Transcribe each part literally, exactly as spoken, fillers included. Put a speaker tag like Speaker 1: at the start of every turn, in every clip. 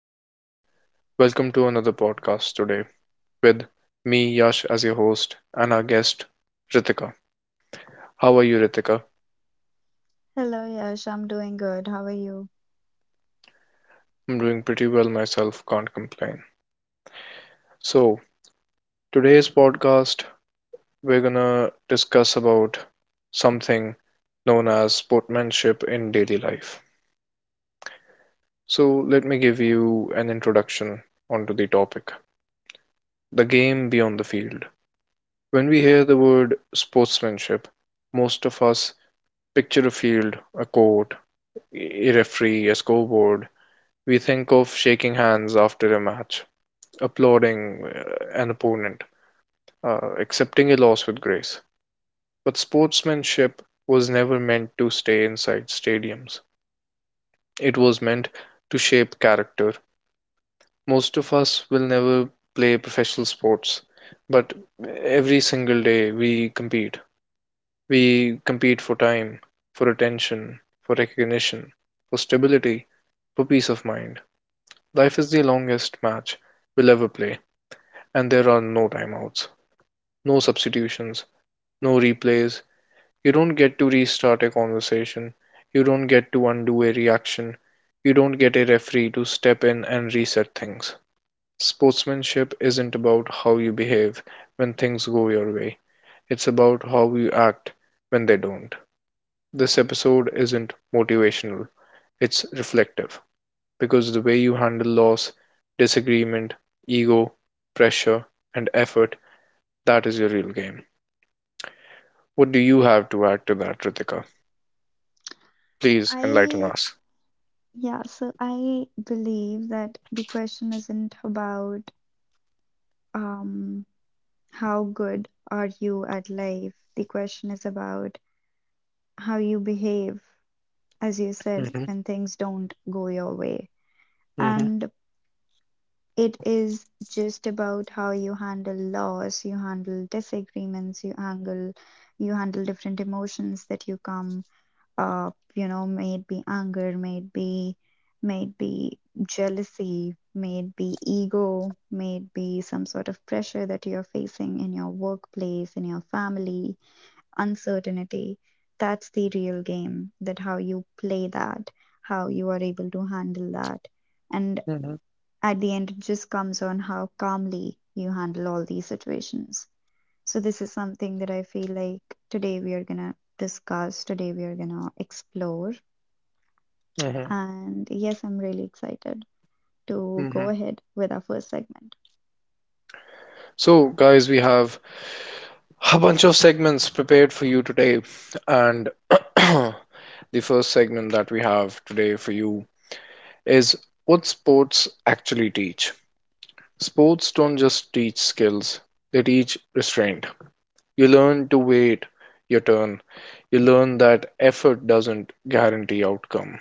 Speaker 1: and welcome to another podcast today with me, Yash, as your host, and our guest, Ritika. How are you, Ritika?
Speaker 2: Hello, Yash. I'm doing good. How are you?
Speaker 1: I'm doing pretty well myself, can't complain. So, today's podcast, we're gonna discuss about something known as sportsmanship in daily life. So, let me give you an introduction onto the topic, the game beyond the field. When we hear the word sportsmanship, most of us picture a field, a court, a referee, a scoreboard. We think of shaking hands after a match, applauding uh, an opponent, uh, accepting a loss with grace. But sportsmanship was never meant to stay inside stadiums, it was meant to shape character. Most of us will never play professional sports, but every single day we compete. We compete for time, for attention, for recognition, for stability, for peace of mind. Life is the longest match we'll ever play, and there are no timeouts, no substitutions, no replays. You don't get to restart a conversation, you don't get to undo a reaction, you don't get a referee to step in and reset things. Sportsmanship isn't about how you behave when things go your way, it's about how you act when they don't. This episode isn't motivational, it's reflective because the way you handle loss, disagreement, ego, pressure, and effort, that is your real game. What do you have to add to that, Ritika? Please enlighten
Speaker 2: I,
Speaker 1: us.
Speaker 2: yeah, so I believe that the question isn't about um how good are you at life. The question is about how you behave, as you said,
Speaker 1: hmm
Speaker 2: when things don't go your way.
Speaker 1: hmm
Speaker 2: And it is just about how you handle loss, you handle disagreements, you handle you handle different emotions that you come uh, you know, maybe anger, maybe, maybe jealousy, maybe ego, maybe some sort of pressure that you're facing in your workplace, in your family, uncertainty. That's the real game, that how you play that, how you are able to handle that. And
Speaker 1: hmm
Speaker 2: at the end, it just comes on how calmly you handle all these situations. So, this is something that I feel like today we are gonna discuss, today we are gonna explore.
Speaker 1: hmm
Speaker 2: And yes, I'm really excited to go
Speaker 1: hmm
Speaker 2: ahead with our first segment.
Speaker 1: So, guys, we have a bunch of segments prepared for you today, and the first segment that we have today for you is what sports actually teach. Sports don't just teach skills, they teach restraint. You learn to wait your turn. You learn that effort doesn't guarantee outcome.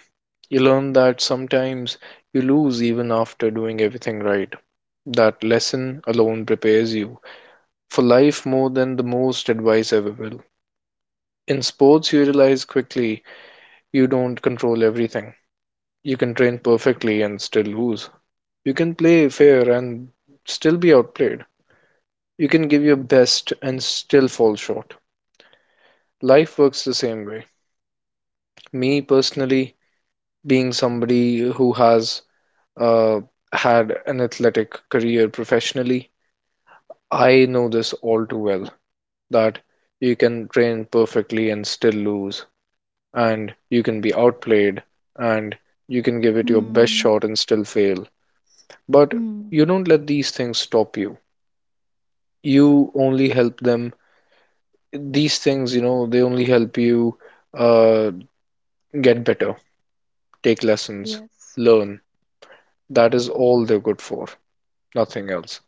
Speaker 1: You learn that sometimes you lose even after doing everything right. That lesson alone prepares you for life more than the most advice ever will. In sports, you realize quickly you don't control everything. You can train perfectly and still lose. You can play fair and still be outplayed. You can give your best and still fall short. Life works the same way. Me personally, being somebody who has uh, had an athletic career professionally, I know this all too well that you can train perfectly and still lose, and you can be outplayed, and you can give it your best
Speaker 2: Hmm.
Speaker 1: shot and still fail. But
Speaker 2: Hmm.
Speaker 1: you don't let these things stop you. You only help them. These things, you know, they only help you uh, get better, take lessons,
Speaker 2: Yes.
Speaker 1: learn. That is all they're good for, nothing else.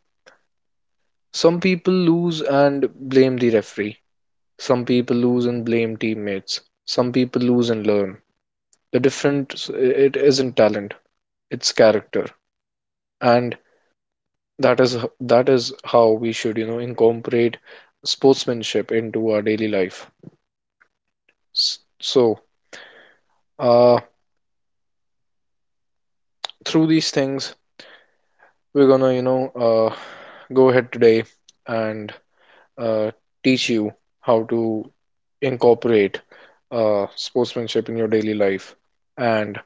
Speaker 1: Some people lose and blame the referee. Some people lose and blame teammates. Some people lose and learn. The difference, it isn't talent, it's character. And that is that is how we should, you know, incorporate sportsmanship into our daily life. So, uh, through these things, we're gonna, you know, uh, go ahead today and uh, teach you how to incorporate uh, sportsmanship in your daily life and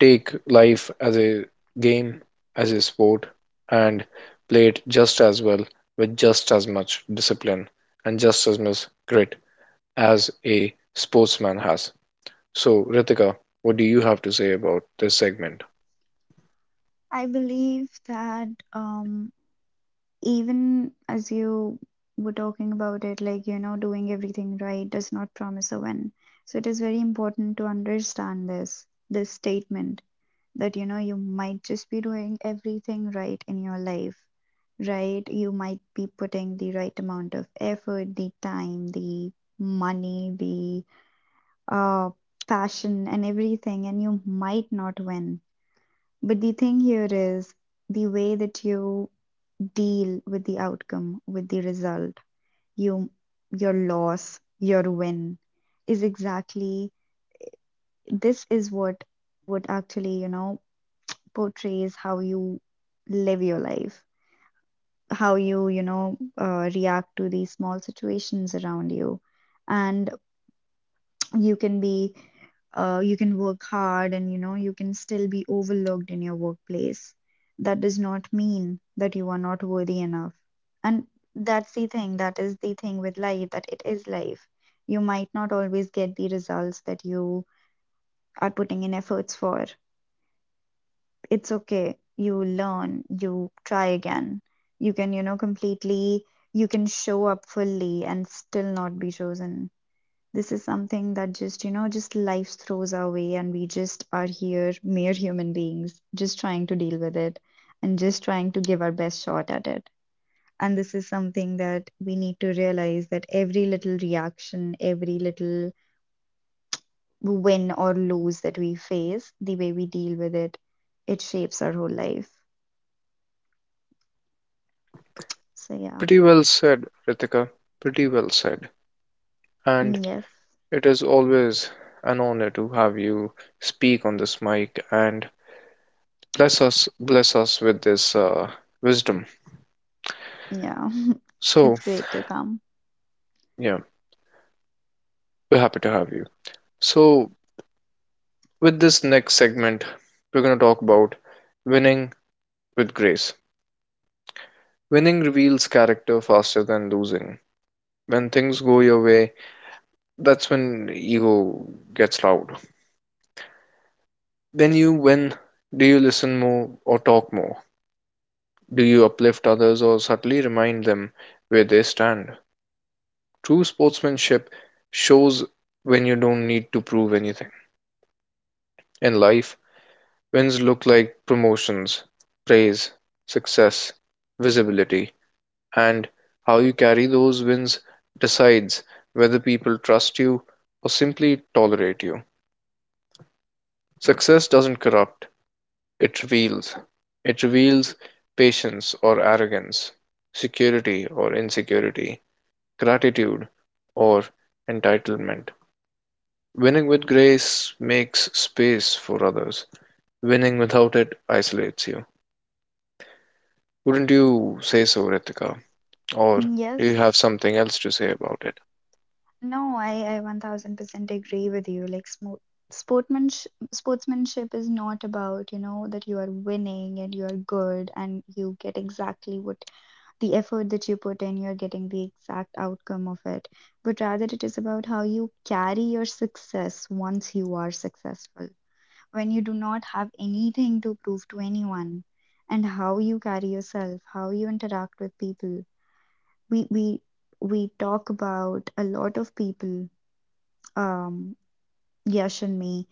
Speaker 1: take life as a game, as a sport, and play it just as well with just as much discipline and just as much grit as a sportsman has. So, Ritika, what do you have to say about this segment?
Speaker 2: I believe that um even as you were talking about it, like, you know, doing everything right does not promise a win. So it is very important to understand this this statement that, you know, you might just be doing everything right in your life, right? You might be putting the right amount of effort, the time, the money, the uh, passion and everything, and you might not win. But the thing here is the way that you deal with the outcome, with the result, you, your loss, your win, is exactly this is what what actually, you know, portrays how you live your life, how you, you know, uh, react to these small situations around you, and you can be uh, you can work hard and, you know, you can still be overlooked in your workplace. That does not mean that you are not worthy enough. And that's the thing that is the thing with life, that it is life. You might not always get the results that you are putting in efforts for. It's okay, you learn, you try again. You can you know completely You can show up fully and still not be chosen. This is something that, just, you know, just life throws our way, and we just are here, mere human beings, just trying to deal with it and just trying to give our best shot at it. And this is something that we need to realize, that every little reaction, every little win or lose that we face, the way we deal with it, it shapes our whole life. So, yeah.
Speaker 1: Pretty well said, Ritika. Pretty well said. And
Speaker 2: Mm, yes.
Speaker 1: it is always an honor to have you speak on this mic and bless us bless us with this uh, wisdom.
Speaker 2: Yeah.
Speaker 1: So,
Speaker 2: It's great to come.
Speaker 1: yeah, we're happy to have you. So, with this next segment, we're going to talk about winning with grace. Winning reveals character faster than losing. When things go your way, that's when ego gets loud. When you win, do you listen more or talk more? Do you uplift others or subtly remind them where they stand? True sportsmanship shows when you don't need to prove anything. In life, wins look like promotions, praise, success, visibility, and how you carry those wins decides whether people trust you or simply tolerate you. Success doesn't corrupt, it reveals. It reveals patience or arrogance, security or insecurity, gratitude or entitlement. Winning with grace makes space for others. Winning without it isolates you. Wouldn't you say so, Ritika? Or do
Speaker 2: Mm,
Speaker 1: you have
Speaker 2: yes.
Speaker 1: something else to say about it?
Speaker 2: No, I, I one thousand percent agree with you. Like, smo- sportsmanship, sportsmanship is not about, you know, that you are winning and you are good and you get exactly what, the effort that you put in, you're getting the exact outcome of it. But rather, it is about how you carry your success once you are successful, when you do not have anything to prove to anyone, and how you carry yourself, how you interact with people. We, we, we talk about a lot of people, um, Yash and me,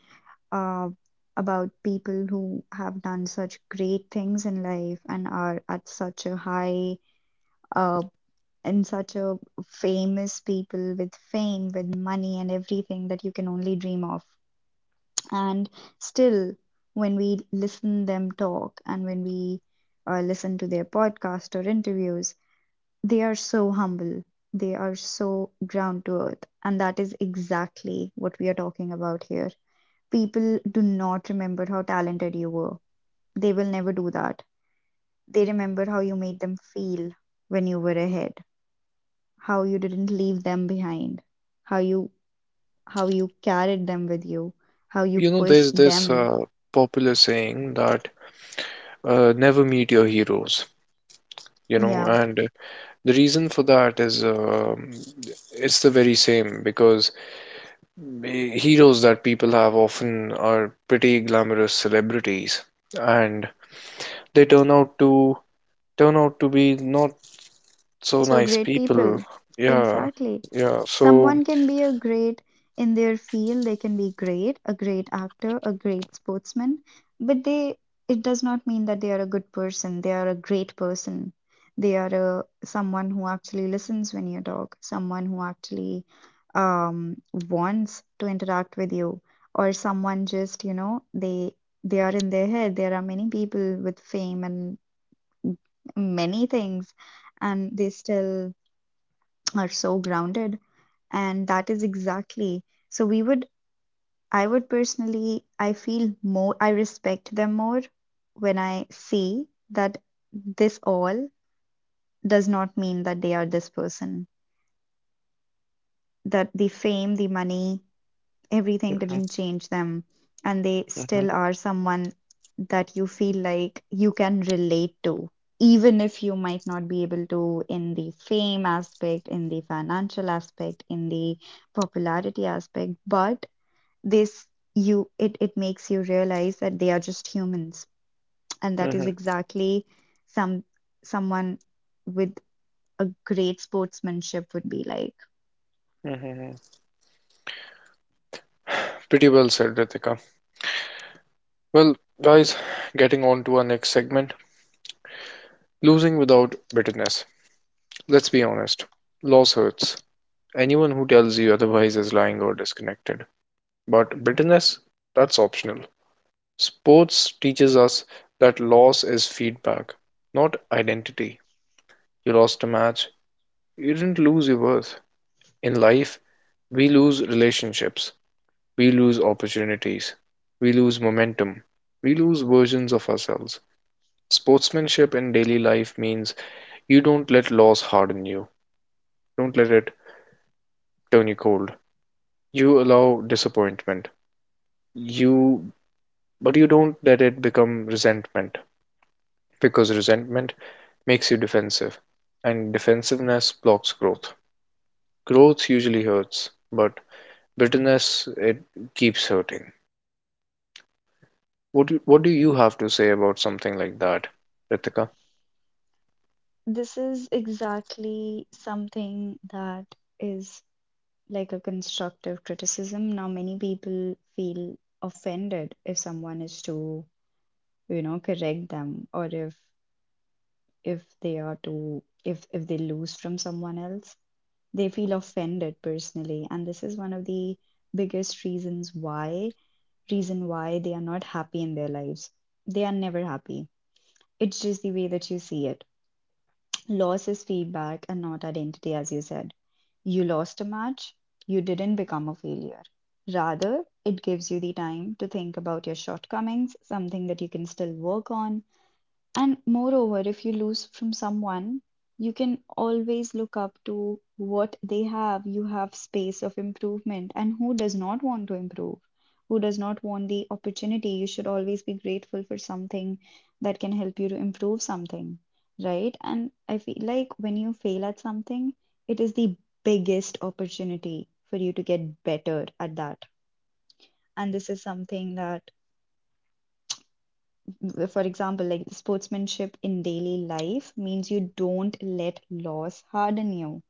Speaker 2: uh, about people who have done such great things in life and are at such a high, uh, and such a famous people with fame, with money, and everything that you can only dream of. And still, when we listen them talk and when we uh, listen to their podcast or interviews, they are so humble. They are so ground to earth. And that is exactly what we are talking about here. People do not remember how talented you were. They will never do that. They remember how you made them feel when you were ahead, how you didn't leave them behind, how you how you carried them with you, how you
Speaker 1: You know,
Speaker 2: pushed
Speaker 1: there's this
Speaker 2: them.
Speaker 1: uh, popular saying that uh, never meet your heroes, you know,
Speaker 2: Yeah.
Speaker 1: and the reason for that is um it's the very same because eh, heroes that people have often are pretty glamorous celebrities and they turn out to turn out to be not so
Speaker 2: So,
Speaker 1: nice
Speaker 2: great
Speaker 1: people.
Speaker 2: people.
Speaker 1: Yeah.
Speaker 2: Exactly.
Speaker 1: Yeah. So
Speaker 2: Someone can be a great in their field, they can be great, a great actor, a great sportsman, but they it does not mean that they are a good person, they are a great person. They are a, someone who actually listens when you talk, someone who actually um, wants to interact with you, or someone just, you know, they they are in their head. There are many people with fame and many things and they still are so grounded, and that is exactly, so we would, I would personally, i feel more I respect them more when I see that this all does not mean that they are this person, that the fame, the money, everything didn't change them, and they
Speaker 1: Mhm,
Speaker 2: still are someone that you feel like you can relate to, even if you might not be able to in the fame aspect, in the financial aspect, in the popularity aspect. But this, you it, it makes you realize that they are just humans, and that is
Speaker 1: mhm,
Speaker 2: exactly some someone with a great sportsmanship would be like.
Speaker 1: mhm, mhm. pretty well said, Ritika. Well, guys, getting on to our next segment, losing without bitterness. Let's be honest. Loss hurts. Anyone who tells you otherwise is lying or disconnected. But bitterness, that's optional. Sports teaches us that loss is feedback, not identity. You lost a match. You didn't lose your worth. In life, we lose relationships. We lose opportunities. We lose momentum. We lose versions of ourselves. Sportsmanship in daily life means you don't let loss harden you. Don't let it turn you cold. You allow disappointment. You but you don't let it become resentment because resentment makes you defensive and defensiveness blocks growth. Growth usually hurts, but bitterness, it keeps hurting. What do, what do you have to say about something like that, Ritika?
Speaker 2: This is exactly something that is like a constructive criticism. Now, many people feel offended if someone is too, you know, correct them, or if if they are too if if they lose from someone else, they feel offended personally. And this is one of the biggest reasons why reason why they are not happy in their lives. They are never happy. It's just the way that you see it. Loss is feedback and not identity, as you said. You lost a match, you didn't become a failure. Rather, it gives you the time to think about your shortcomings, something that you can still work on. And moreover, if you lose from someone, you can always look up to what they have. You have space of improvement. And who does not want to improve? Who does not want the opportunity? You should always be grateful for something that can help you to improve something, right? And I feel like when you fail at something, it is the biggest opportunity for you to get better at that. And this is something that, for example, like sportsmanship in daily life means you don't let loss harden you.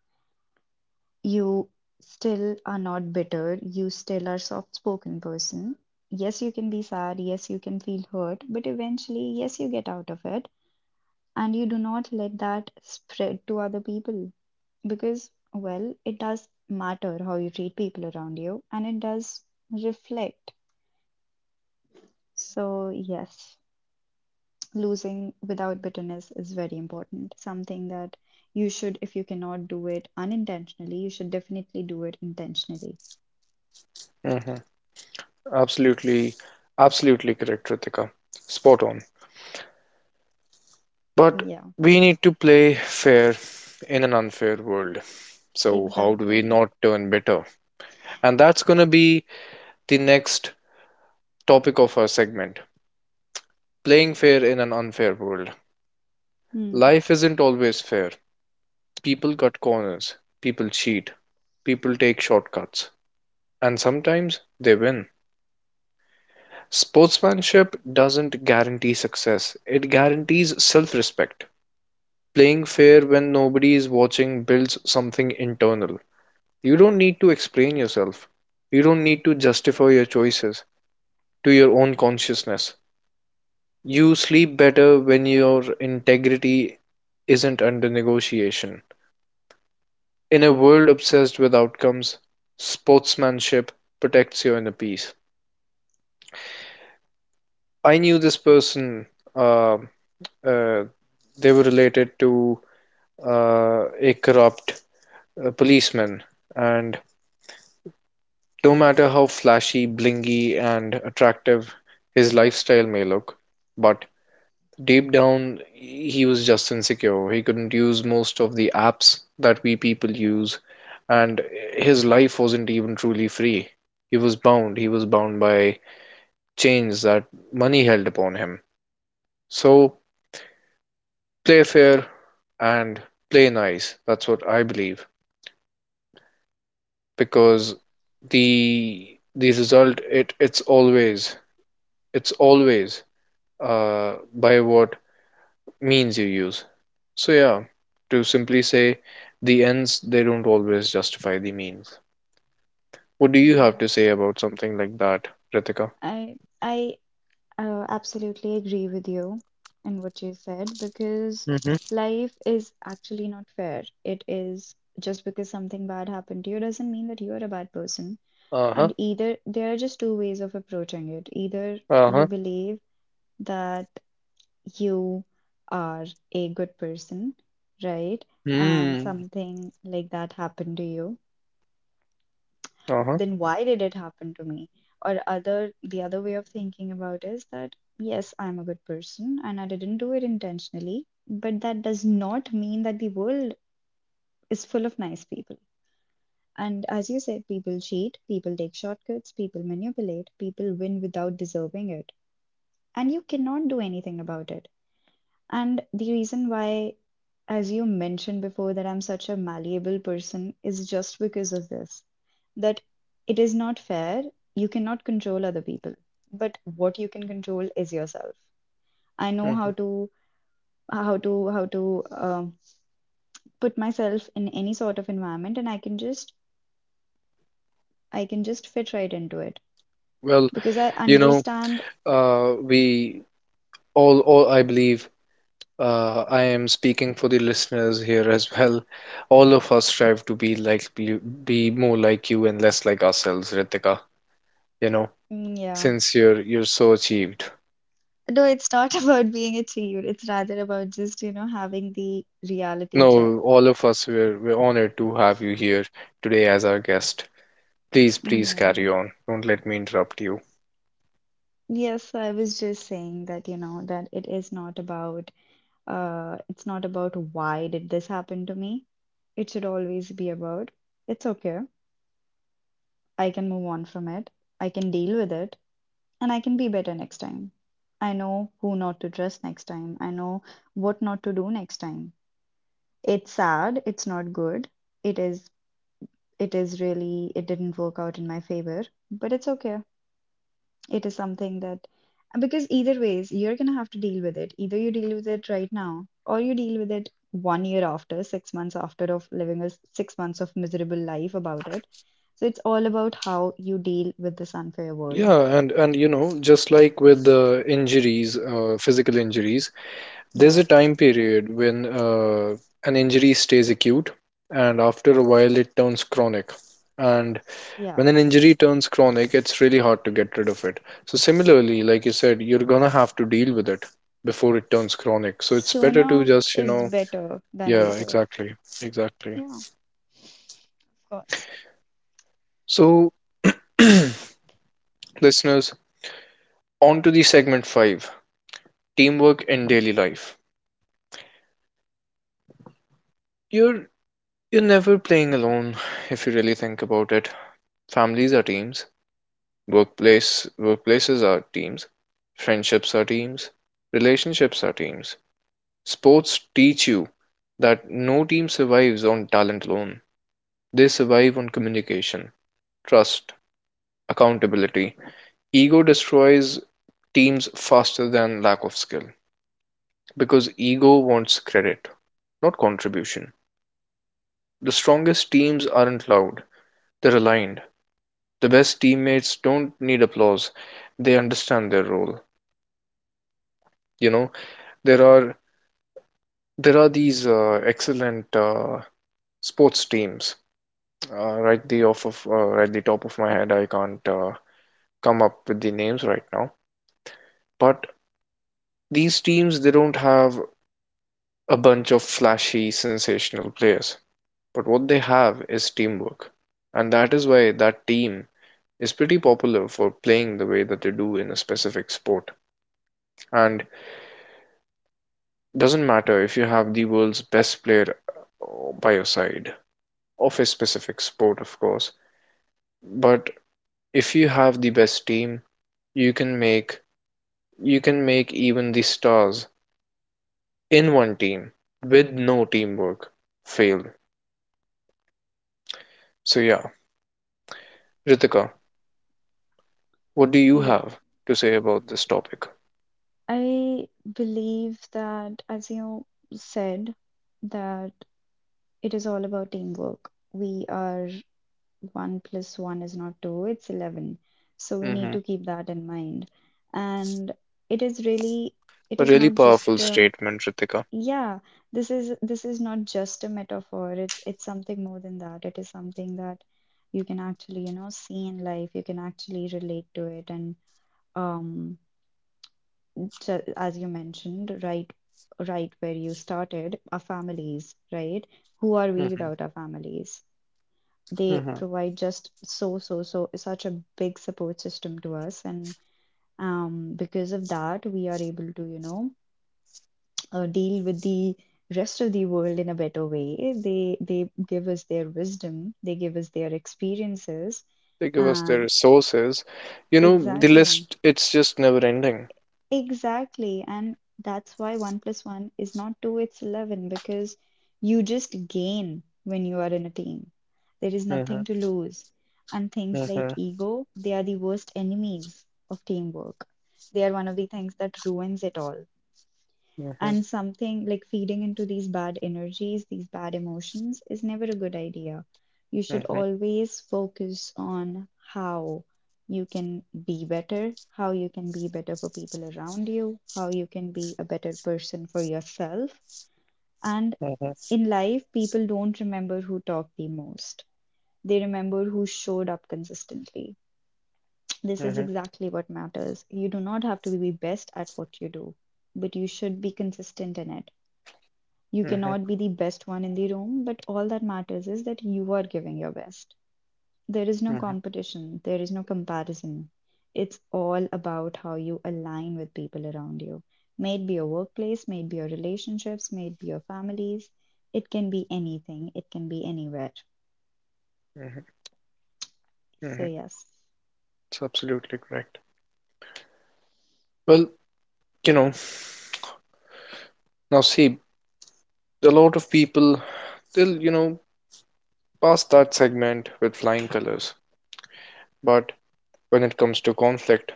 Speaker 2: You still are not bitter, you still are soft spoken person. Yes, you can be sad, yes, you can feel hurt, but eventually, yes, you get out of it, and you do not let that spread to other people, because, well, it does matter how you treat people around you, and it does reflect. So, yes, losing without bitterness is very important. Something that you should, if you cannot do it unintentionally, you should definitely do it intentionally.
Speaker 1: hmm Absolutely, absolutely correct, Ritika. Spot on. But
Speaker 2: Yeah,
Speaker 1: we need to play fair in an unfair world. So, how do we
Speaker 2: exactly.
Speaker 1: not turn bitter? And that's going to be the next topic of our segment, playing fair in an unfair world.
Speaker 2: Hmm.
Speaker 1: Life isn't always fair. People cut corners, people cheat, people take shortcuts, and sometimes they win. Sportsmanship doesn't guarantee success, it guarantees self respect. Playing fair when nobody is watching builds something internal. You don't need to explain yourself. You don't need to justify your choices to your own consciousness. You sleep better when your integrity isn't under negotiation. In a world obsessed with outcomes, sportsmanship protects your inner peace. I knew this person, uh, uh, they were related to uh, a corrupt uh, policeman, and no matter how flashy, blingy, and attractive his lifestyle may look, but deep down, he was just insecure. He couldn't use most of the apps that we people use, and his life wasn't even truly free. He was bound. He was bound by chains that money held upon him. So play fair and play nice. That's what I believe. Because the the result, it it's always it's always uh, by what means you use. So, yeah, to simply say, the ends, they don't always justify the means. What do you
Speaker 2: Mm,
Speaker 1: have to
Speaker 2: yes.
Speaker 1: say about something like that, Ritika?
Speaker 2: I I uh, absolutely agree with you in what you said, because
Speaker 1: hmm
Speaker 2: life is actually not fair. It is, just because something bad happened to you doesn't mean that you are a bad person.
Speaker 1: Uh-huh.
Speaker 2: And either, there are just two ways of approaching it. Either you
Speaker 1: Uh-huh.
Speaker 2: believe that you are a good person, right? And
Speaker 1: Hmm.
Speaker 2: something like that happened to you,
Speaker 1: Uh-huh.
Speaker 2: then why did it happen to me? Or other the other way of thinking about is that, yes, I'm a good person and I didn't do it intentionally, but that does not mean that the world is full of nice people. And as you said, people cheat, people take shortcuts, people manipulate, people win without deserving it. And you cannot do anything about it. And the reason why, as you mentioned before, that I'm such a malleable person, is just because of this, that it is not fair. You cannot control other people, but what you can control is yourself. I know
Speaker 1: mhm.
Speaker 2: how to how to how to um put myself in any sort of environment, and I can just I can just fit right into it,
Speaker 1: Well,
Speaker 2: because I
Speaker 1: you know,
Speaker 2: understand.
Speaker 1: uh, we all, all, I believe, uh, I am speaking for the listeners here as well. All of us strive to be like, be, be more like you and less like ourselves, Ritika. You know,
Speaker 2: Mm, yeah,
Speaker 1: since you're you're so achieved.
Speaker 2: no, it's not about being achieved. It's rather about just, you know, having the reality check.
Speaker 1: No, all of us were we're honored to have you here today as our guest. Please,
Speaker 2: Mm,
Speaker 1: please
Speaker 2: yeah.
Speaker 1: carry on. Don't let me interrupt you.
Speaker 2: Yes, I was just saying that, you know, that it is not about uh it's not about why did this happen to me. It should always be about, it's okay. I can move on from it. I can deal with it, and I can be better next time. I know who not to trust next time. I know what not to do next time. It's sad, it's not good. It is it is really it didn't work out in my favor, but it's okay. It is something that, because either ways, you're gonna have to deal with it. Either you deal with it right now, or you deal with it one year after, six months after of living a s- six months of miserable life about it. So it's all about how you deal with this unfair world.
Speaker 1: Yeah, and and you know, just like with the injuries, uh, physical injuries, there's a
Speaker 2: Yeah.
Speaker 1: time period when uh, an injury stays acute, and after a while it turns chronic. And
Speaker 2: Yeah.
Speaker 1: when an injury turns chronic, it's really hard to get rid of it. So similarly, like you said, you're gonna have to deal with it before it turns chronic. So it's better to
Speaker 2: Sooner
Speaker 1: just, you
Speaker 2: is
Speaker 1: know,
Speaker 2: better than
Speaker 1: yeah,
Speaker 2: later.
Speaker 1: exactly. Exactly.
Speaker 2: Yeah, of course.
Speaker 1: So, listeners, on to the segment five, teamwork in daily life. You're you're never playing alone if you really think about it. Families are teams, workplace workplaces are teams, friendships are teams, relationships are teams. Sports teach you that no team survives on talent alone. They survive on communication, trust, accountability. Ego destroys teams faster than lack of skill. Because ego wants credit, not contribution. The strongest teams aren't loud, they're aligned. The best teammates don't need applause, they understand their role. You know, there are there are these uh, excellent uh, sports teams. Uh, right the off of uh, right the top of my head, I can't uh, come up with the names right now. But these teams, they don't have a bunch of flashy, sensational players. But what they have is teamwork. And that is why that team is pretty popular for playing the way that they do in a specific sport. And doesn't matter if you have the world's best player uh, by your side of a specific sport, of course, but if you have the best team, you can make you can make even the stars in one team with no teamwork fail. So yeah, Ritika, what do you
Speaker 2: Yeah.
Speaker 1: have to say about this topic?
Speaker 2: I believe that, as you said, that it is all about teamwork. We are, one plus one is not two, it's eleven. So we need
Speaker 1: hmm
Speaker 2: to keep that in mind. And it is really, it
Speaker 1: A
Speaker 2: is
Speaker 1: really
Speaker 2: not just,
Speaker 1: powerful
Speaker 2: um,
Speaker 1: statement, Ritika.
Speaker 2: yeah, this is this is not just a metaphor. It's it's something more than that. It is something that you can actually, you know, see in life. You can actually relate to it and um ju- as you mentioned, right right where you started, our families, right? Who are we without
Speaker 1: hmm
Speaker 2: our families? They
Speaker 1: hmm
Speaker 2: provide just so so so such a big support system to us, and um, because of that we are able to you know uh, deal with the rest of the world in a better way. They they give us their wisdom, they give us their experiences,
Speaker 1: They give us their
Speaker 2: and
Speaker 1: resources. You know, the
Speaker 2: exactly.
Speaker 1: list, it's just never ending.
Speaker 2: Exactly. And that's why one plus one is not two, it's eleven, because you just gain when you are in a team. There is nothing
Speaker 1: Mhm,
Speaker 2: to lose. And things like
Speaker 1: mhm,
Speaker 2: ego, they are the worst enemies of teamwork. They are one of the things that ruins it all.
Speaker 1: mhm,
Speaker 2: And something like feeding into these bad energies, these bad emotions, is never a good idea. You should
Speaker 1: mhm, mhm,
Speaker 2: always focus on how you can be better, how you can be better for people around you, how you can be a better person for yourself. And in life, people don't remember who talked the most, they remember who showed up consistently. This is
Speaker 1: mhm,
Speaker 2: exactly what matters. You do not have to be best at what you do, but you should be consistent in it. You
Speaker 1: mhm, mhm,
Speaker 2: cannot be the best one in the room, but all that matters is that you are giving your best. There is no competition, there is no comparison. It's all about how you align with people around you. May it be your workplace, may it be your relationships, may it be your families. It can be anything, it can be anywhere.
Speaker 1: mhm,
Speaker 2: So,
Speaker 1: mhm.
Speaker 2: yes.
Speaker 1: It's absolutely correct. Well, you know, now see, a lot of people, they'll, you know, pass that segment with flying colors. But when it comes to conflict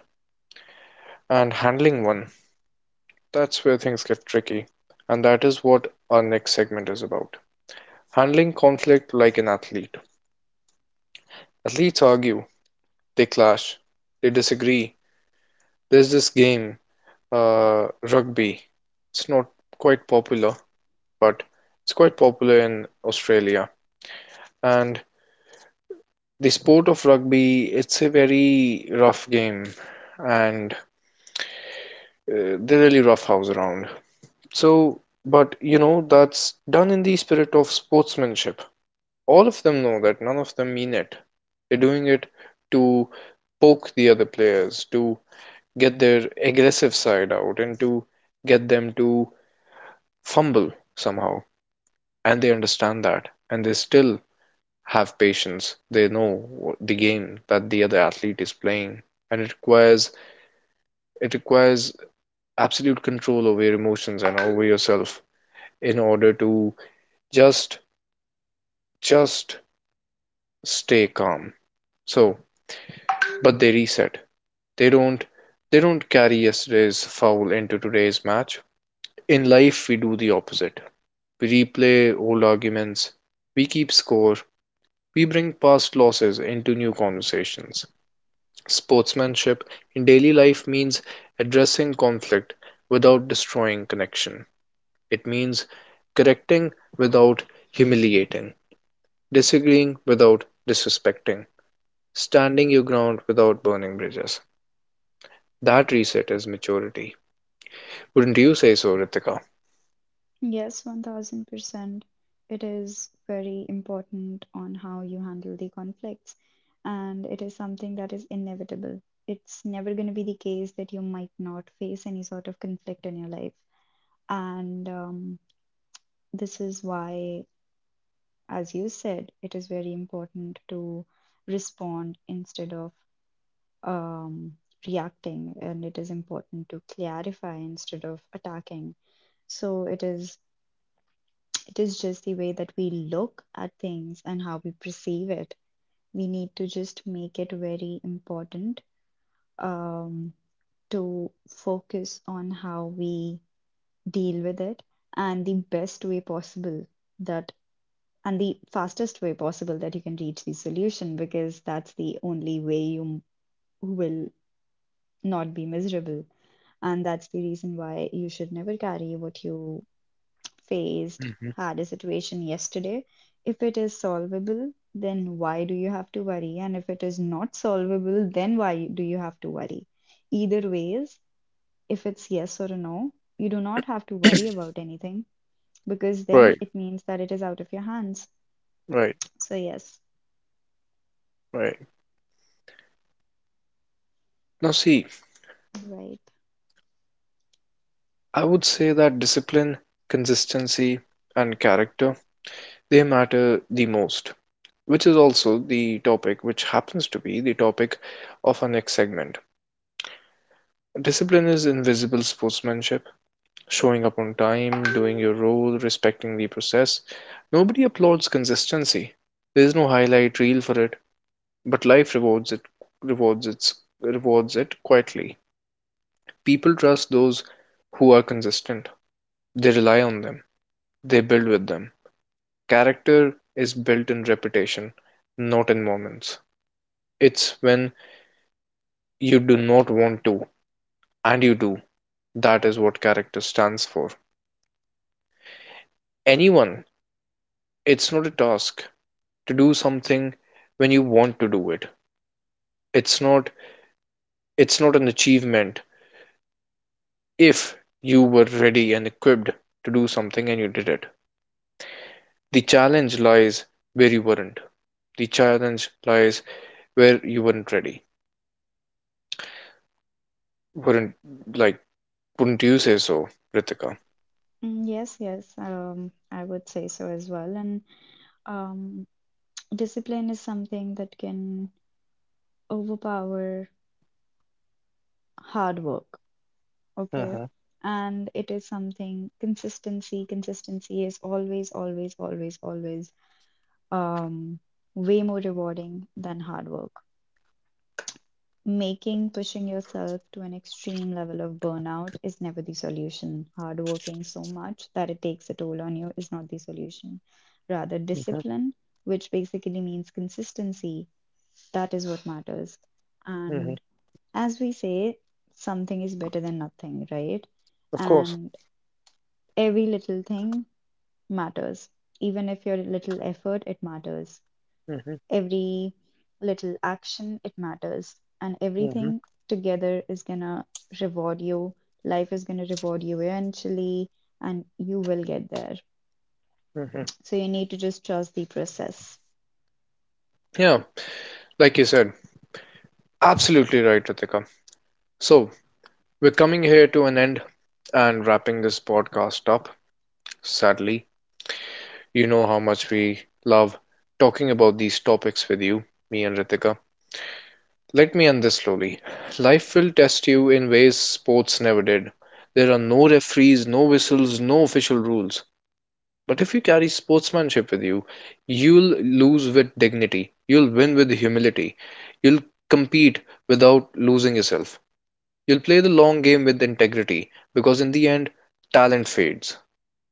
Speaker 1: and handling one, that's where things get tricky. And that is what our next segment is about. Handling conflict like an athlete. Athletes argue. They clash. They disagree. There's this game, uh, rugby. It's not quite popular, but it's quite popular in Australia. And the sport of rugby, it's a very rough game, and uh, they really roughhouse around. So, but you know, that's done in the spirit of sportsmanship. All of them know that none of them mean it. They're doing it to poke the other players, to get their aggressive side out, and to get them to fumble somehow. And they understand that. And they still have patience. They know the game that the other athlete is playing. And it requires it requires absolute control over your emotions and over yourself in order to just just stay calm. So, but they reset. They don't they don't carry yesterday's foul into today's match. In life, we do the opposite. We replay old arguments. We keep score. We bring past losses into new conversations. Sportsmanship in daily life means addressing conflict without destroying connection. It means correcting without humiliating, disagreeing without disrespecting, standing your ground without burning bridges. That reset is maturity. Wouldn't you say so, Ritika?
Speaker 2: Yes, one thousand percent. It is very important on how you handle the conflicts, and it is something that is inevitable. It's never going to be the case that you might not face any sort of conflict in your life. And um, this is why, as you said, it is very important to respond instead of um, reacting, and it is important to clarify instead of attacking. So it is. It is just the way that we look at things and how we perceive it. We need to just make it very important, um, to focus on how we deal with it, and the best way possible that and the fastest way possible that you can reach the solution, because that's the only way you will not be miserable. And that's the reason why you should never carry what you faced,
Speaker 1: Mhm.
Speaker 2: had a situation yesterday. If it is solvable, then why do you have to worry? And if it is not solvable, then why do you have to worry? Either ways, if it's yes or a no, you do not have to worry about anything, because then
Speaker 1: Right,
Speaker 2: it means that it is out of your hands.
Speaker 1: right,
Speaker 2: So, yes,
Speaker 1: right. Now, see,
Speaker 2: right.
Speaker 1: I would say that discipline, consistency, and character, they matter the most, which is also the topic which happens to be the topic of our next segment. Discipline is invisible sportsmanship, showing up on time, doing your role, respecting the process. Nobody applauds consistency. There is no highlight reel for it, but life rewards it rewards its rewards it quietly. People trust those who are consistent. They rely on them. They build with them. Character is built in repetition, not in moments. It's when you do not want to, and you do. That is what character stands for. Anyone, it's not a task to do something when you want to do it. It's not it's not an achievement if you were ready and equipped to do something and you did it. The challenge lies where you weren't. The challenge lies where you weren't ready. Weren't like Wouldn't you say so, Ritika?
Speaker 2: Mm, yes, yes, um, I would say so as well. And um, discipline is something that can overpower hard work. Okay.
Speaker 1: Mm-hmm.
Speaker 2: And it is something consistency. Consistency is always, always, always, always um way more rewarding than hard work. Making pushing yourself to an extreme level of burnout is never the solution. Hard working so much that it takes a toll on you is not the solution. Rather,
Speaker 1: Mm-hmm.
Speaker 2: discipline, which basically means consistency, that is what matters.
Speaker 1: Mm-hmm.
Speaker 2: And as we say, something is better than nothing, right?
Speaker 1: Of course.
Speaker 2: And every little thing matters. Even if your little effort, it matters.
Speaker 1: Mm-hmm.
Speaker 2: Every little action, it matters. And
Speaker 1: Mm-hmm.
Speaker 2: everything together is gonna reward you. Life is gonna reward you eventually, and you will get there.
Speaker 1: Mm-hmm.
Speaker 2: So you need to just trust the process.
Speaker 1: Yeah, like you said, absolutely right, Ritika. So we're coming here to an end and wrapping this podcast up. Sadly, you know how much we love talking about these topics with you, me and Ritika. Let me end this slowly. Life will test you in ways sports never did. There are no referees, no whistles, no official rules. But if you carry sportsmanship with you, you'll lose with dignity. You'll win with humility. You'll compete without losing yourself. You'll play the long game with integrity because in the end, talent fades.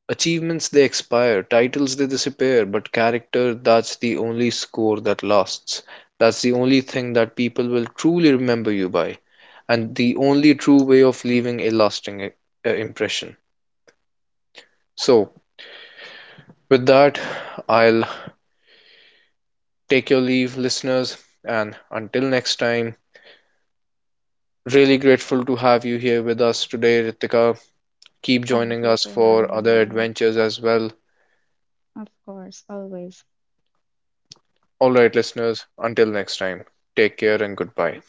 Speaker 1: Achievements, they expire, titles, they disappear, but character, that's the only score that lasts. That's the only thing that people will truly remember you by, and the only true way of leaving a lasting uh, impression. So, with that, I'll take your leave, listeners, and until next time, really grateful to have you here with us today, Ritika. Keep
Speaker 2: Thank
Speaker 1: joining
Speaker 2: you
Speaker 1: us
Speaker 2: for
Speaker 1: for
Speaker 2: having
Speaker 1: other
Speaker 2: me.
Speaker 1: adventures as well.
Speaker 2: Of course, always.
Speaker 1: All right, listeners, until next time, take care and goodbye.